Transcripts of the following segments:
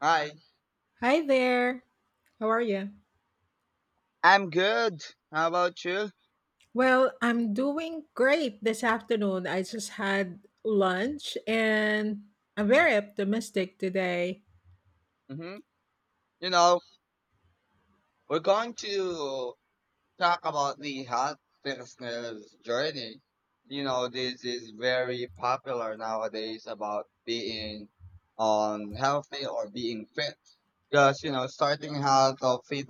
Hi. Hi there. How are you? I'm good. How about you? Well, I'm doing great this afternoon. I just had lunch and I'm very optimistic today. hmm You know, we're going to talk about the health fitness journey. You know, this is very popular nowadays about being on healthy or being fit. Because, you know, starting health or fit,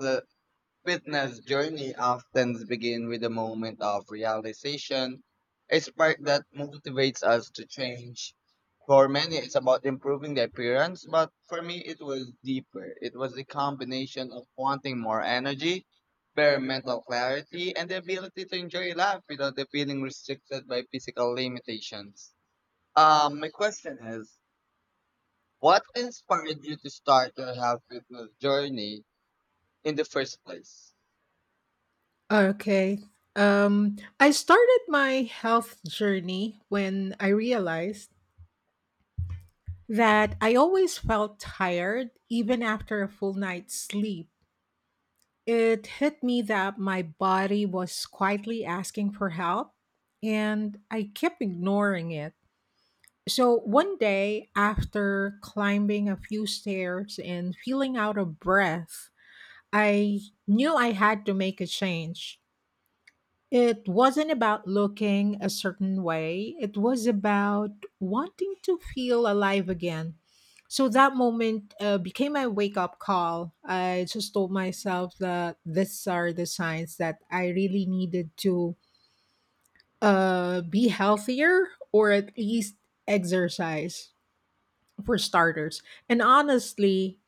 fitness journey often begins with a moment of realization, a spark that motivates us to change. For many, it's about improving the appearance, but for me, it was deeper. It was the combination of wanting more energy, better mental clarity, and the ability to enjoy life without the feeling restricted by physical limitations. My question is, what inspired you to start your health fitness journey in the first place? Okay. I started my health journey when I realized that I always felt tired even after a full night's sleep. It hit me that my body was quietly asking for help and I kept ignoring it. So one day, after climbing a few stairs and feeling out of breath, I knew I had to make a change. It wasn't about looking a certain way, it was about wanting to feel alive again. So that moment became my wake up call. I just told myself that these are the signs that I really needed to be healthier or at least exercise for starters. And honestly,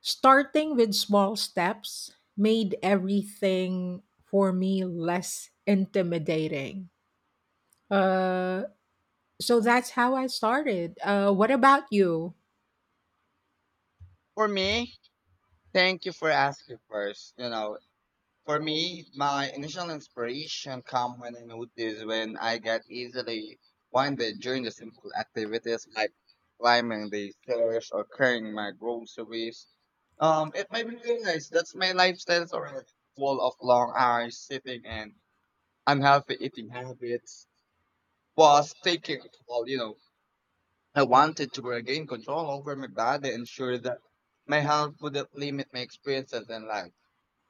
starting with small steps made everything for me less intimidating. Uh, so that's how I started. What about you? For me, thank you for asking first. You know, for me, my initial inspiration come when I noticed when I get easily winded during the simple activities like climbing the stairs or carrying my groceries. It made me realize that's my lifestyle is already full of long hours sitting and unhealthy eating habits was taking a toll. You know, I wanted to regain control over my body, ensure that my health wouldn't limit my experiences in life.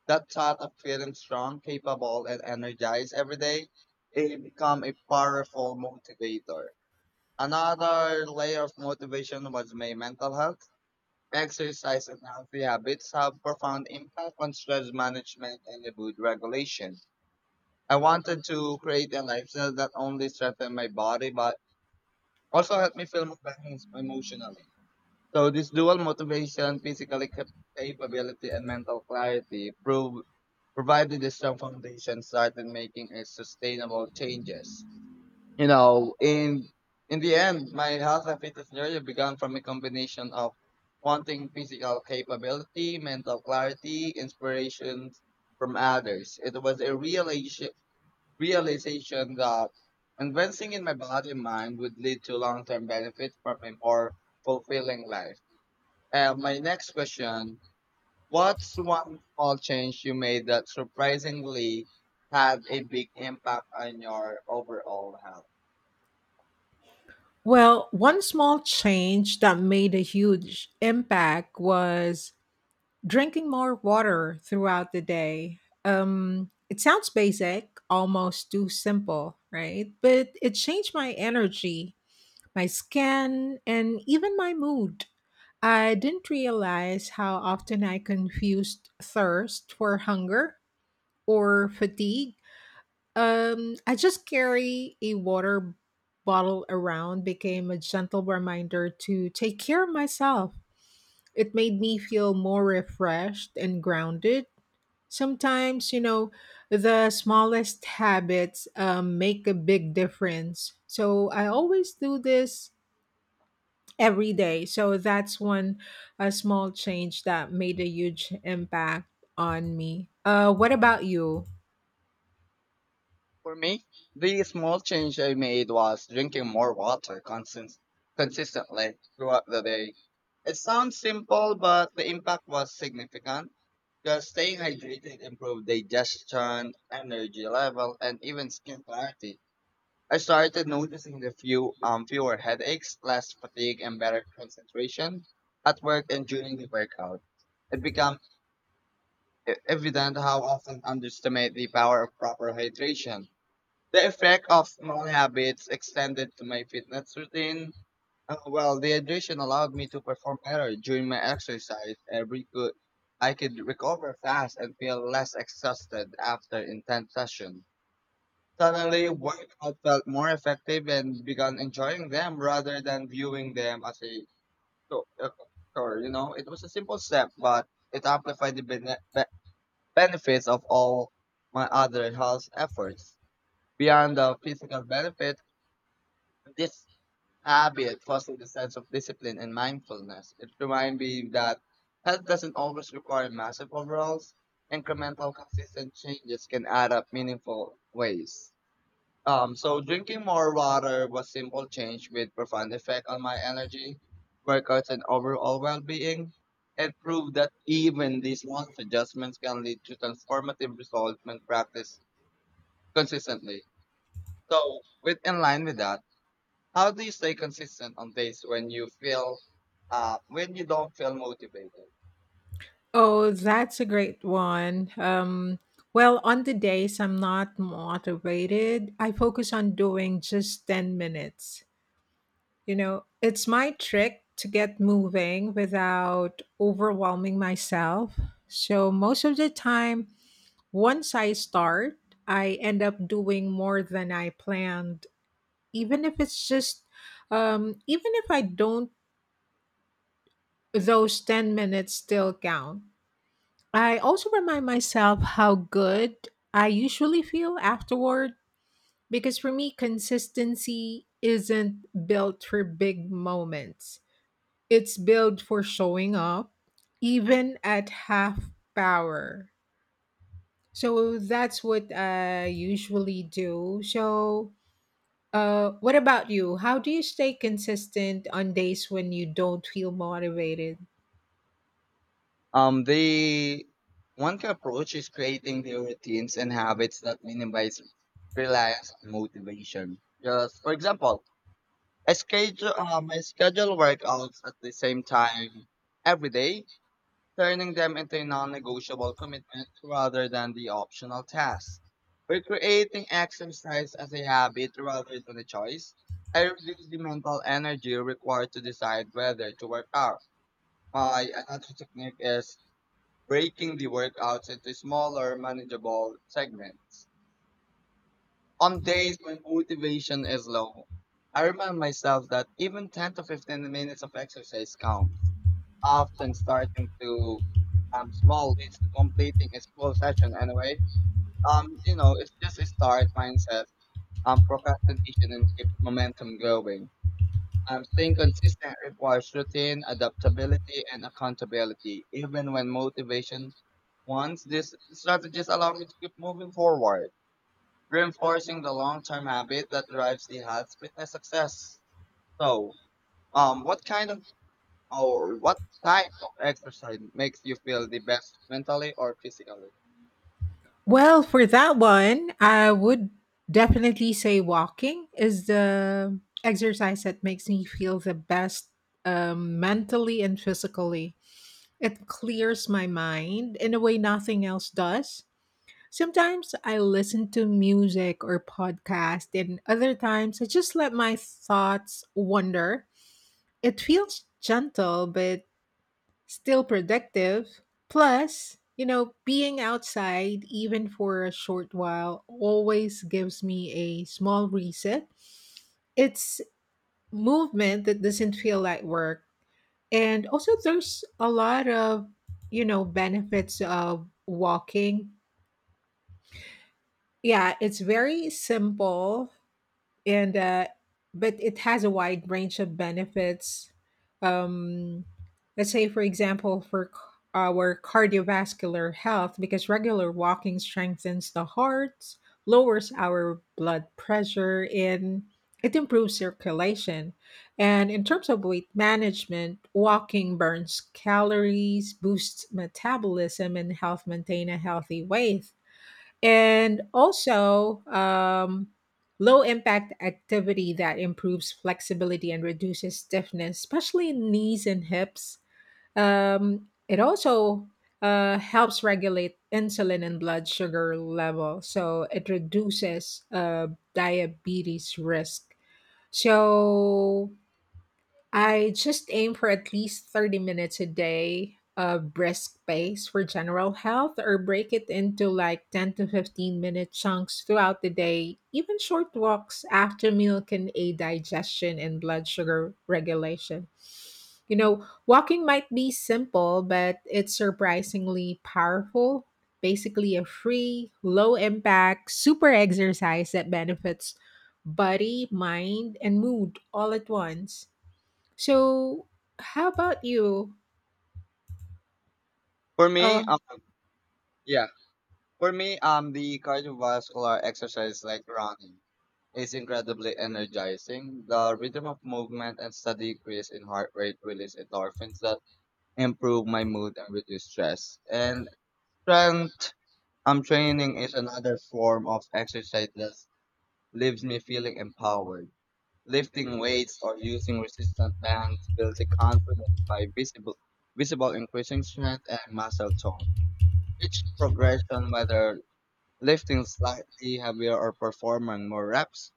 That thought of feeling strong, capable, and energized every day, it become a powerful motivator. Another layer of motivation was my mental health. Exercise and healthy habits have profound impact on stress management and the mood regulation. I wanted to create a lifestyle that only strengthened my body but also helped me feel more balanced emotionally. So this dual motivation, physical capability, and mental clarity prove provided a strong foundation started making a sustainable changes. You know, in the end, my health and fitness journey began from a combination of wanting physical capability, mental clarity, inspiration from others. It was a realization that investing in my body and mind would lead to long term benefits from a more fulfilling life. And my next question: what's one small change you made that surprisingly had a big impact on your overall health? Well, one small change that made a huge impact was drinking more water throughout the day. It sounds basic, almost too simple, right? But it changed my energy my skin, and even my mood. I didn't realize how often I confused thirst for hunger or fatigue. I just carry a water bottle around became a gentle reminder to take care of myself. It made me feel more refreshed and grounded. Sometimes, you know, the smallest habits make a big difference. So I always do this every day. So that's one a small change that made a huge impact on me. What about you? For me, the small change I made was drinking more water consistently throughout the day. It sounds simple, but the impact was significant because staying hydrated improved digestion, energy level, and even skin clarity. I started noticing the fewer headaches, less fatigue, and better concentration at work and during the workout. It became evident how often underestimate the power of proper hydration. The effect of small habits extended to my fitness routine. Well, the hydration allowed me to perform better during my exercise. Every good, I could recover fast and feel less exhausted after intense sessions. Suddenly, workouts felt more effective and began enjoying them rather than viewing them as a chore. a chore. You know, it was a simple step, but it amplified the benefits of all my other health efforts. Beyond the physical benefit, this habit fostered a sense of discipline and mindfulness. It reminded me that health doesn't always require massive overhauls. Incremental, consistent changes can add up meaningful ways. So drinking more water was simple change with profound effect on my energy, workouts, and overall well-being. It proved that even these small adjustments can lead to transformative results when practiced consistently. So, with in line with that, how do you stay consistent on days when you don't feel motivated? Oh, that's a great one. Well, on the days I'm not motivated, I focus on doing just 10 minutes. You know, it's my trick to get moving without overwhelming myself. So, most of the time, once I start, I end up doing more than I planned even if it's just even if I don't, those 10 minutes still count. I also remind myself how good I usually feel afterward, because for me consistency isn't built for big moments, it's built for showing up even at half power. So that's what I usually do. So what about you? How do you stay consistent on days when you don't feel motivated? The one key approach is creating the routines and habits that minimize reliance on motivation. Just for example, I schedule workouts at the same time every day, turning them into a non-negotiable commitment rather than the optional task. By creating exercise as a habit rather than a choice, I reduce the mental energy required to decide whether to work out. My another technique is breaking the workouts into smaller, manageable segments. On days when motivation is low, I remind myself that even 10 to 15 minutes of exercise counts. Often starting to small leads to completing a full session anyway. You know, it's just a start mindset, procrastination, and keeps momentum going. Staying consistent requires routine, adaptability, and accountability, even when motivation wants. These strategies allow me to keep moving forward, reinforcing the long-term habit that drives the health fitness success. So, um, what kind of what type of exercise makes you feel the best mentally or physically? Well, for that one, I would definitely say walking is the exercise that makes me feel the best mentally and physically. It clears my mind in a way nothing else does. Sometimes I listen to music or podcast, and other times I just let my thoughts wander. It feels gentle but still productive. Plus, you know, being outside even for a short while always gives me a small reset. It's movement that doesn't feel like work. And also there's a lot of, you know, benefits of walking, yeah, it's very simple and but it has a wide range of benefits. Um, let's say, for example, for our cardiovascular health, because regular walking strengthens the heart, lowers our blood pressure, and it improves circulation. And in terms of weight management, walking burns calories, boosts metabolism, and helps maintain a healthy weight, and also low impact activity that improves flexibility and reduces stiffness, especially in knees and hips. It also helps regulate insulin and blood sugar level, so it reduces diabetes risk. So I just aim for at least 30 minutes a day of brisk pace for general health or break it into like 10 to 15 minute chunks throughout the day. Even short walks after meal can aid digestion and blood sugar regulation. You know, walking might be simple, but it's surprisingly powerful. Basically, a free, low impact, super exercise that benefits body, mind, and mood all at once. So, how about you? For Uh, me, um, yeah. For me, the cardiovascular exercise like running is incredibly energizing. The rhythm of movement and steady increase in heart rate release endorphins that improve my mood and reduce stress. And strength training is another form of exercise that leaves me feeling empowered. Lifting weights or using resistance bands builds a confidence by visible increasing strength and muscle tone. Each progression, whether lifting slightly heavier or performing more reps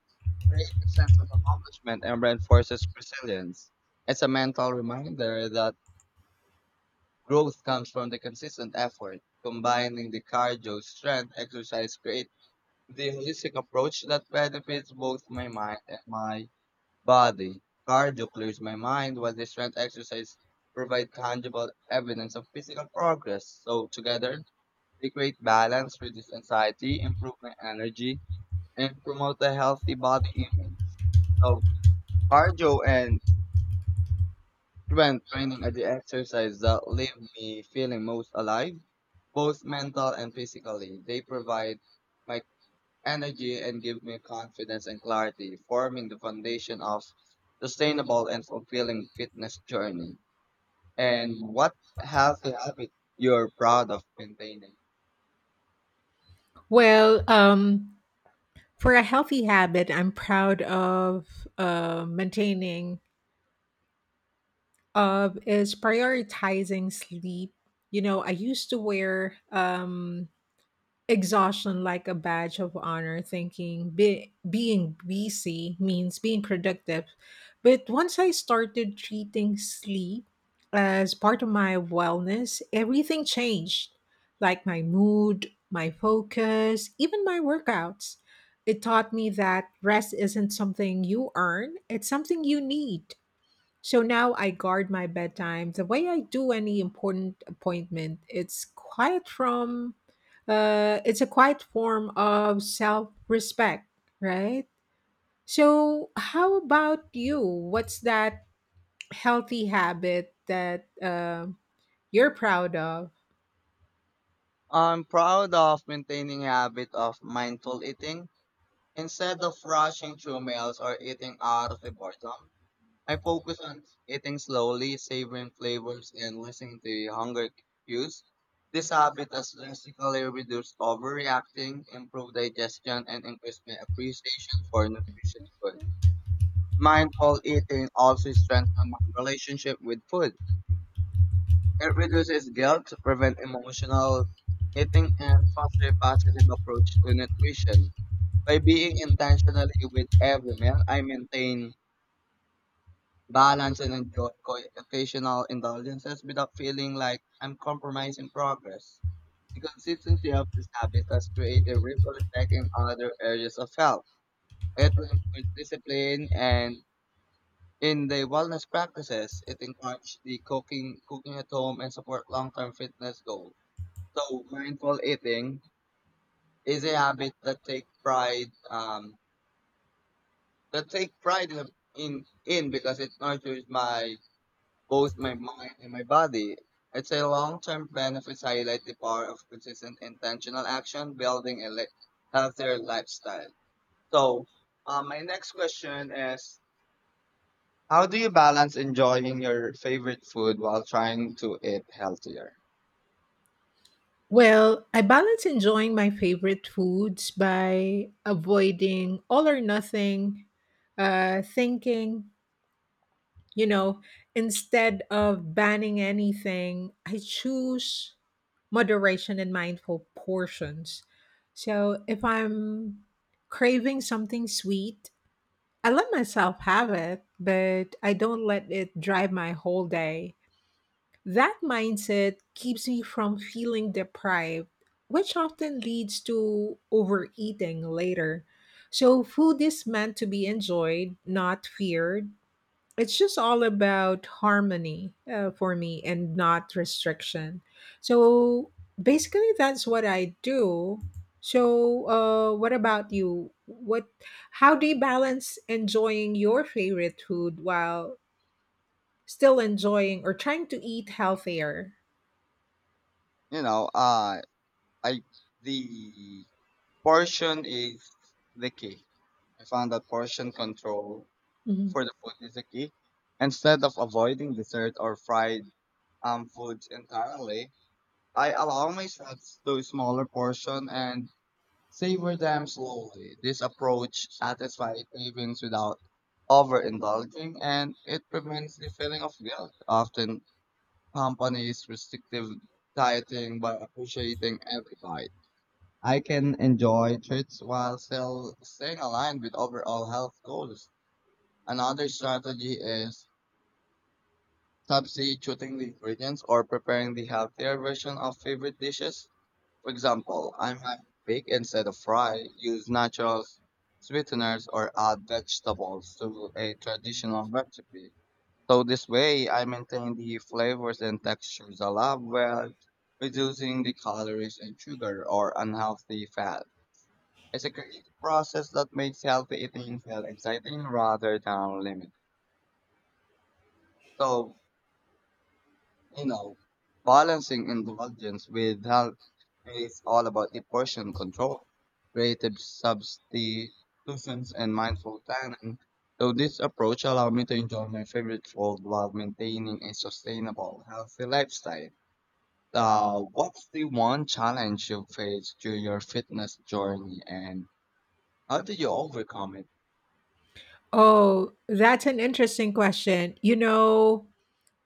creates a sense of accomplishment and reinforces resilience. It's a mental reminder that growth comes from the consistent effort. Combining the cardio strength exercise creates the holistic approach that benefits both my mind and my body. Cardio clears my mind while the strength exercise provide tangible evidence of physical progress. So together, they create balance, reduce anxiety, improve my energy, and promote a healthy body image. So cardio and strength training are the exercises that leave me feeling most alive, both mental and physically. They provide my energy and give me confidence and clarity, forming the foundation of sustainable and fulfilling fitness journey. And what healthy habit you're proud of maintaining? well, um, for a healthy habit, I'm proud of maintaining of is prioritizing sleep. You know, I used to wear exhaustion like a badge of honor thinking being busy means being productive, but once I started treating sleep as part of my wellness everything changed, like my mood, my focus, even my workouts. It taught me that rest isn't something you earn, it's something you need. So now I guard my bedtime the way I do any important appointment. It's a quiet form of self-respect, right? So how about you? What's that healthy habit that you're proud of? I'm proud of maintaining a habit of mindful eating. Instead of rushing through meals or eating out of the boredom, I focus on eating slowly, savoring flavors, and listening to hunger cues. This habit has drastically reduced overreacting, improved digestion, and increased my appreciation for nutritious food. Mindful eating also strengthens my relationship with food. It reduces guilt, prevents emotional eating, and fosters a positive approach to nutrition. By being intentionally with every meal, I maintain balance and enjoy occasional indulgences without feeling like I'm compromising progress. The consistency of this habit has created ripple effect in other areas of health. It improves discipline and in the wellness practices, it encourages the cooking at home, and support long-term fitness goals. So mindful eating is a habit that takes pride that take pride in in because it nurtures my both my mind and my body. It's a long-term benefits highlight the power of consistent intentional action, building a healthier lifestyle. So, my next question is, how do you balance enjoying your favorite food while trying to eat healthier? Well, I balance enjoying my favorite foods by avoiding all or nothing thinking. You know, instead of banning anything, I choose moderation and mindful portions. So if I'm craving something sweet, I let myself have it, but I don't let it drive my whole day. That mindset keeps me from feeling deprived, which often leads to overeating later. So, food is meant to be enjoyed, not feared, it's just all about harmony for me and not restriction. So basically, that's what I do. So, what about you? How do you balance enjoying your favorite food while still enjoying or trying to eat healthier? You know, I the portion is the key. I found that portion control Mhm. for the food is the key. Instead of avoiding dessert or fried foods entirely, I allow myself to smaller portion and savor them slowly. This approach satisfies cravings without overindulging, and it prevents the feeling of guilt. Often, companies restrictive dieting by appreciating every bite. I can enjoy treats while still staying aligned with overall health goals. Another strategy is subsidy choosing the ingredients or preparing the healthier version of favorite dishes. For example, I might bake instead of fry, use natural sweeteners, or add vegetables to a traditional recipe. So this way, I maintain the flavors and textures I love while reducing the calories and sugar or unhealthy fat. It's a creative process that makes healthy eating feel exciting rather than limiting. So you know, balancing indulgence with health is all about the portion control, creative substitutions, and mindful planning. So this approach allowed me to enjoy my favorite food while maintaining a sustainable, healthy lifestyle. What's the one challenge you faced during your fitness journey, and how did you overcome it? Oh, that's an interesting question. You know,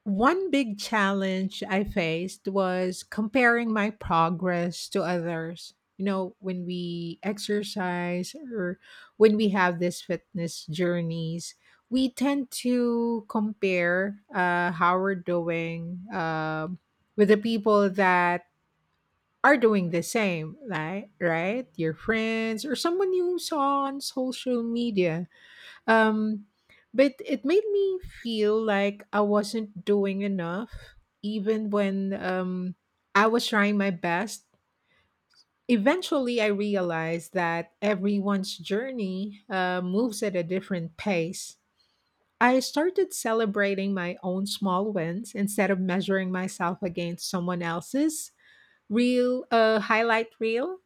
one big challenge I faced was comparing my progress to others. You know, when we exercise or when we have these fitness journeys, we tend to compare how we're doing with the people that are doing the same, like, right? Your friends or someone you saw on social media, um, but it made me feel like I wasn't doing enough, even when I was trying my best. Eventually, I realized that everyone's journey moves at a different pace. I started celebrating my own small wins instead of measuring myself against someone else's real highlight reel.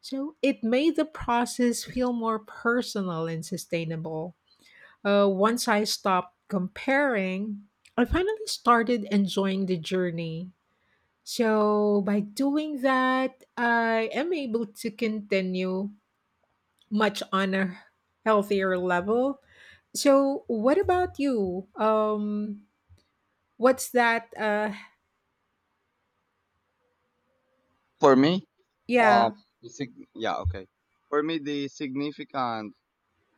So it made the process feel more personal and sustainable. Once I stopped comparing, I finally started enjoying the journey. So, by doing that, I am able to continue much on a healthier level. So, what about you? What's that? For me, um, yeah. the sig- Yeah, okay. For me, the significant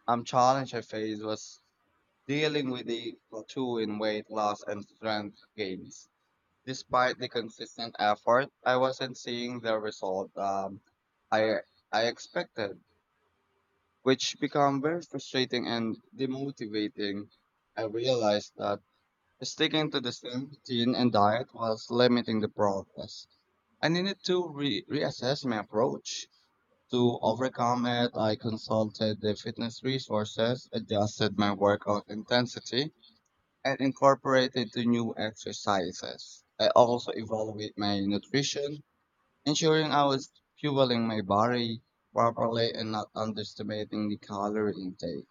challenge I faced was dealing with the plateauing weight loss and strength gains. Despite the consistent effort, I wasn't seeing the result I I expected, which became very frustrating and demotivating. I realized that sticking to the same routine and diet was limiting the progress. I needed to reassess my approach. To overcome it, I consulted the fitness resources, adjusted my workout intensity, and incorporated to new exercises. I also evaluate my nutrition, ensuring I was fueling my body properly and not underestimating the calorie intake.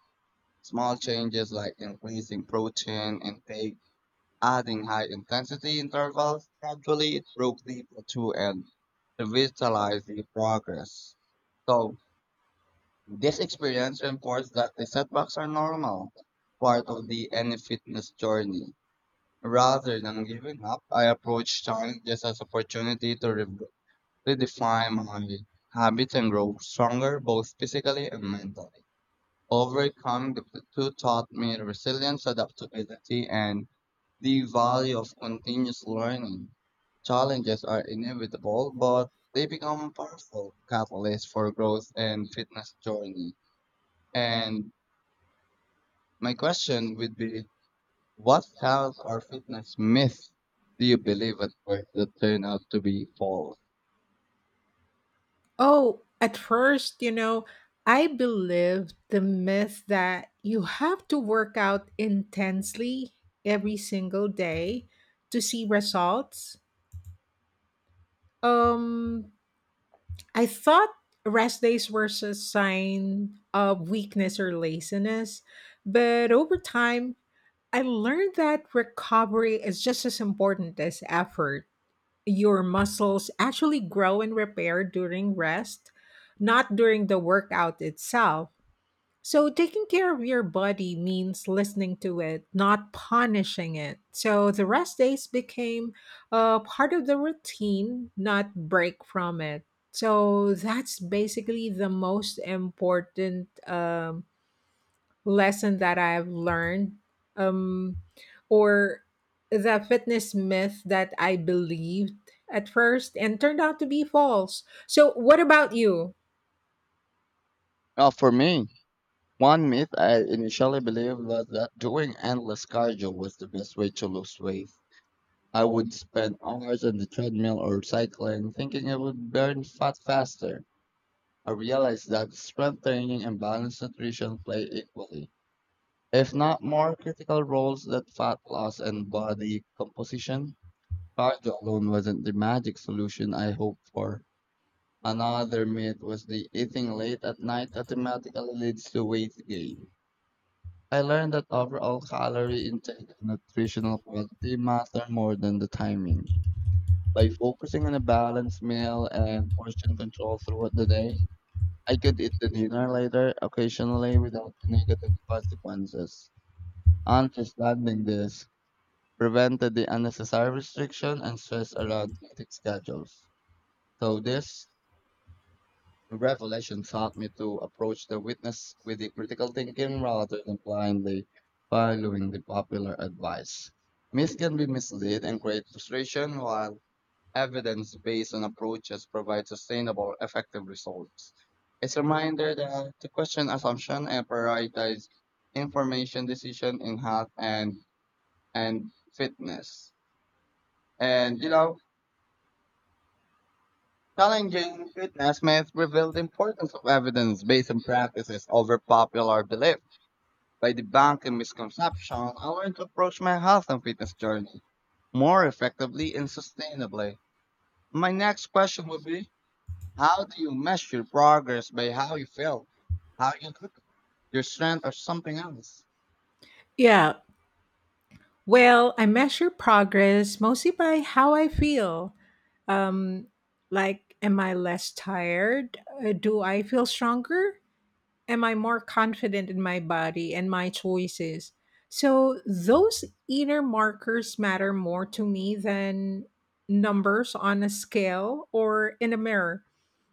Small changes like increasing protein intake, adding high intensity intervals, gradually it broke the plateau and revitalized the progress. So this experience reinforced that the setbacks are normal, part of the any fitness journey. Rather than giving up, I approach challenges just as opportunity to redefine my habits and grow stronger, both physically and mentally. Overcoming the plateau taught me resilience, adaptability, and the value of continuous learning. Challenges are inevitable, but they become powerful catalysts for growth and fitness journey. And my question would be: what health or fitness myth do you believe at first that turned out to be false? Oh, at first, you know, I believed the myth that you have to work out intensely every single day to see results. Um, I thought rest days were a sign of weakness or laziness, but over time, I learned that recovery is just as important as effort. Your muscles actually grow and repair during rest, not during the workout itself. So, taking care of your body means listening to it, not punishing it. So, the rest days became a part of the routine, not break from it. So, that's basically the most important lesson that I've learned, um, or the fitness myth that I believed at first and turned out to be false. So, what about you? Now, for me, one myth I initially believed was that doing endless cardio was the best way to lose weight. I would spend hours on the treadmill or cycling thinking it would burn fat faster. I realized that strength training and balanced nutrition play equally, if not more critical roles than fat loss and body composition. Cardio alone wasn't the magic solution I hoped for. Another myth was that eating late at night automatically leads to weight gain. I learned that overall calorie intake and nutritional quality matter more than the timing. By focusing on a balanced meal and portion control throughout the day, I could eat the dinner later occasionally without the negative consequences. Understanding this prevented the unnecessary restriction and stress around eating schedules. So this revelation taught me to approach the witness with the critical thinking rather than blindly following the popular advice. Myths can be mislead and create frustration, while evidence based on approaches provide sustainable, effective results. It's a reminder that to question assumption and prioritize information decision in health and fitness. And you know, challenging fitness myths reveal the importance of evidence-based practices over popular belief. By debunking misconceptions, I learned to approach my health and fitness journey more effectively and sustainably. My next question would be, how do you measure progress? By how you feel, how you look, your strength, or something else? Yeah. Well, I measure progress mostly by how I feel. Um, like, am I less tired? Do I feel stronger? Am I more confident in my body and my choices? So those inner markers matter more to me than numbers on a scale or in a mirror.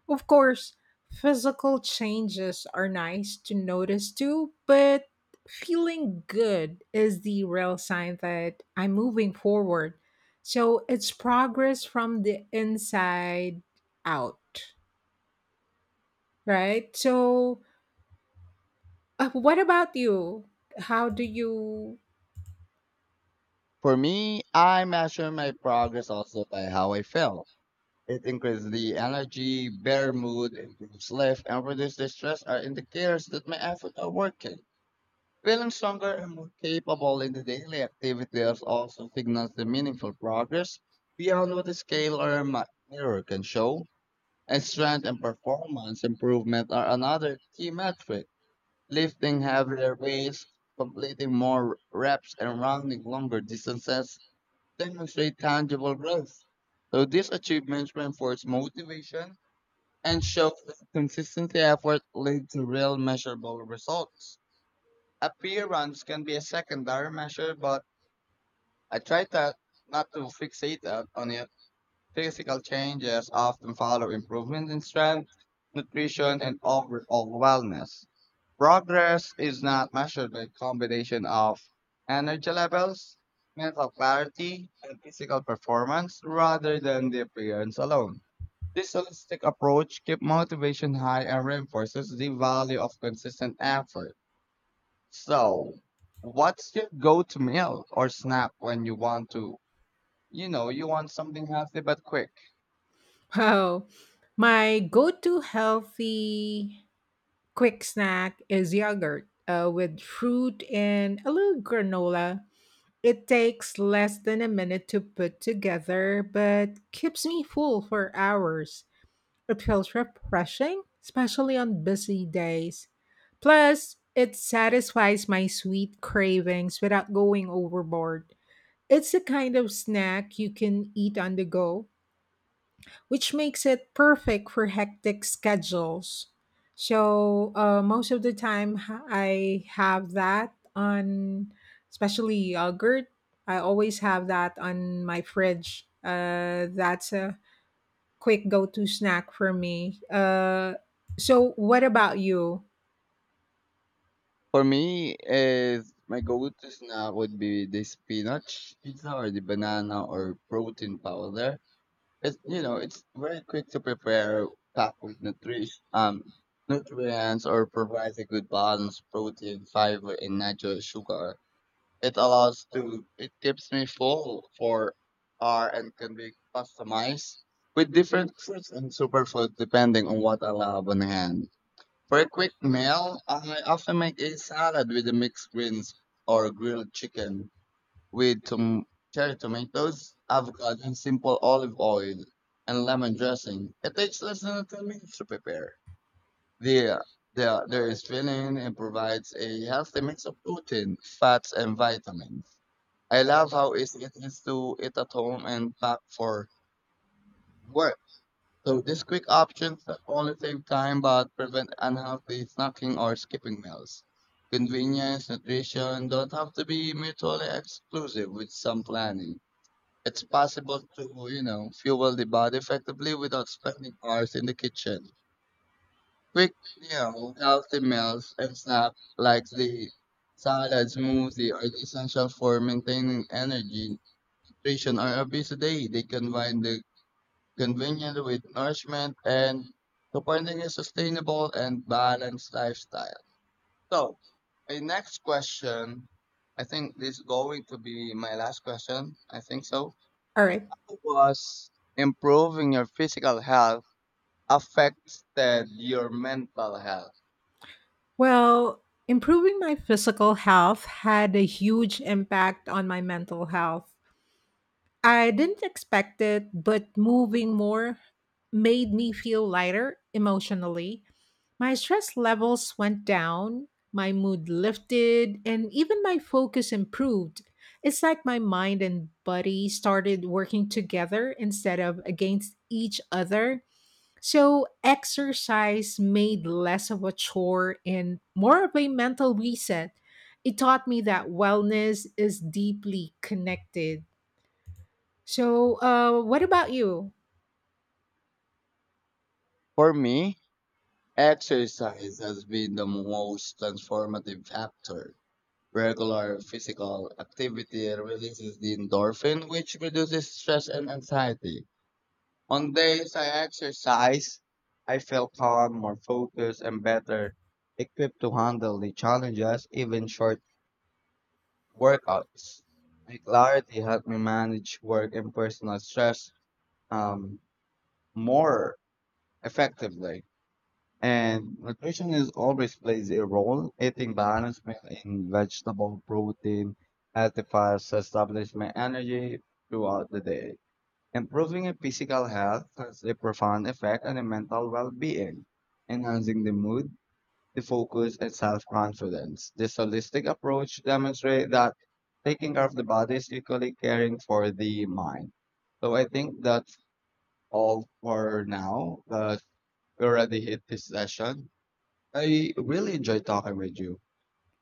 Of course, physical changes are nice to notice too, but feeling good is the real sign that I'm moving forward. So it's progress from the inside out, right? So what about you? How do you? For me, I measure my progress also by how I feel. It increases the energy, better mood, improves life, and reduces the stress are indicators that my efforts are working. Feeling stronger and more capable in the daily activities also signals the meaningful progress beyond what the scale or a mirror can show. And strength and performance improvement are another key metric. Lifting heavier weights, completing more reps, and running longer distances demonstrate tangible growth. So these achievements reinforce motivation and show that consistent effort led to real measurable results. Appearance can be a secondary measure, but I try to, not to fixate up on it. Physical changes often follow improvement in strength, nutrition, and overall wellness. Progress is not measured by combination of energy levels, mental clarity, and physical performance rather than the appearance alone. This holistic approach keeps motivation high and reinforces the value of consistent effort. So, what's your go-to meal or snack when you want to, you know, you want something healthy but quick? Well, my go-to healthy quick snack is yogurt with fruit and a little granola. It takes less than a minute to put together, but keeps me full for hours. It feels refreshing, especially on busy days. Plus, it satisfies my sweet cravings without going overboard. It's a kind of snack you can eat on the go, which makes it perfect for hectic schedules. So, most of the time, I have that on, especially yogurt. I always have that on my fridge. That's a quick go to snack for me. So, what about you? For me, is my go-to snack would be the spinach pizza or the banana or protein powder. It's, you know, it's very quick to prepare, packed with nutrition, nutrients or provides a good balance, protein, fiber, and natural sugar. It allows to it keeps me full for R and can be customized with different fruits and superfood depending on what I have on hand. For a quick meal, I often make a salad with a mixed greens or grilled chicken with cherry tomatoes, avocado, and simple olive oil and lemon dressing. It takes less than 10 minutes to prepare. The the there is filling and provides a healthy mix of protein, fats, and vitamins. I love how easy it is to eat at home and pack for work. So these quick options not only save time but prevent unhealthy snacking or skipping meals. Convenience, nutrition don't have to be mutually exclusive with some planning. It's possible to, you know, fuel the body effectively without spending hours in the kitchen. Quick, you know, healthy meals and snacks like the salad, smoothie are essential for maintaining energy tradition are a busy day. They combine the convenient with nourishment and supporting a sustainable and balanced lifestyle. So, my next question, I think this is going to be my last question. I think so. All right. How was improving your physical health affected your mental health? Well, improving my physical health had a huge impact on my mental health. I didn't expect it, but moving more made me feel lighter emotionally. My stress levels went down, my mood lifted, and even my focus improved. It's like my mind and body started working together instead of against each other. So, exercise made less of a chore and more of a mental reset. It taught me that wellness is deeply connected, so, what about you? For me, exercise has been the most transformative factor. Regular physical activity releases the endorphin, which reduces stress and anxiety. On days I exercise, I feel calm, more focused, and better equipped to handle the challenges, even short workouts. My clarity helped me manage work and personal stress um, more effectively. And nutrition is always plays a role. Eating balanced meal in vegetable, protein, healthy fats establish my energy throughout the day. Improving a physical health has a profound effect on the mental well-being, enhancing the mood, the focus, and self-confidence. This holistic approach demonstrates that taking care of the body is equally caring for the mind. So I think that's all for now. But we already hit this session. I really enjoyed talking with you,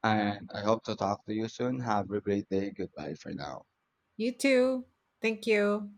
and I hope to talk to you soon. Have a great day. Goodbye for now. You too. Thank you.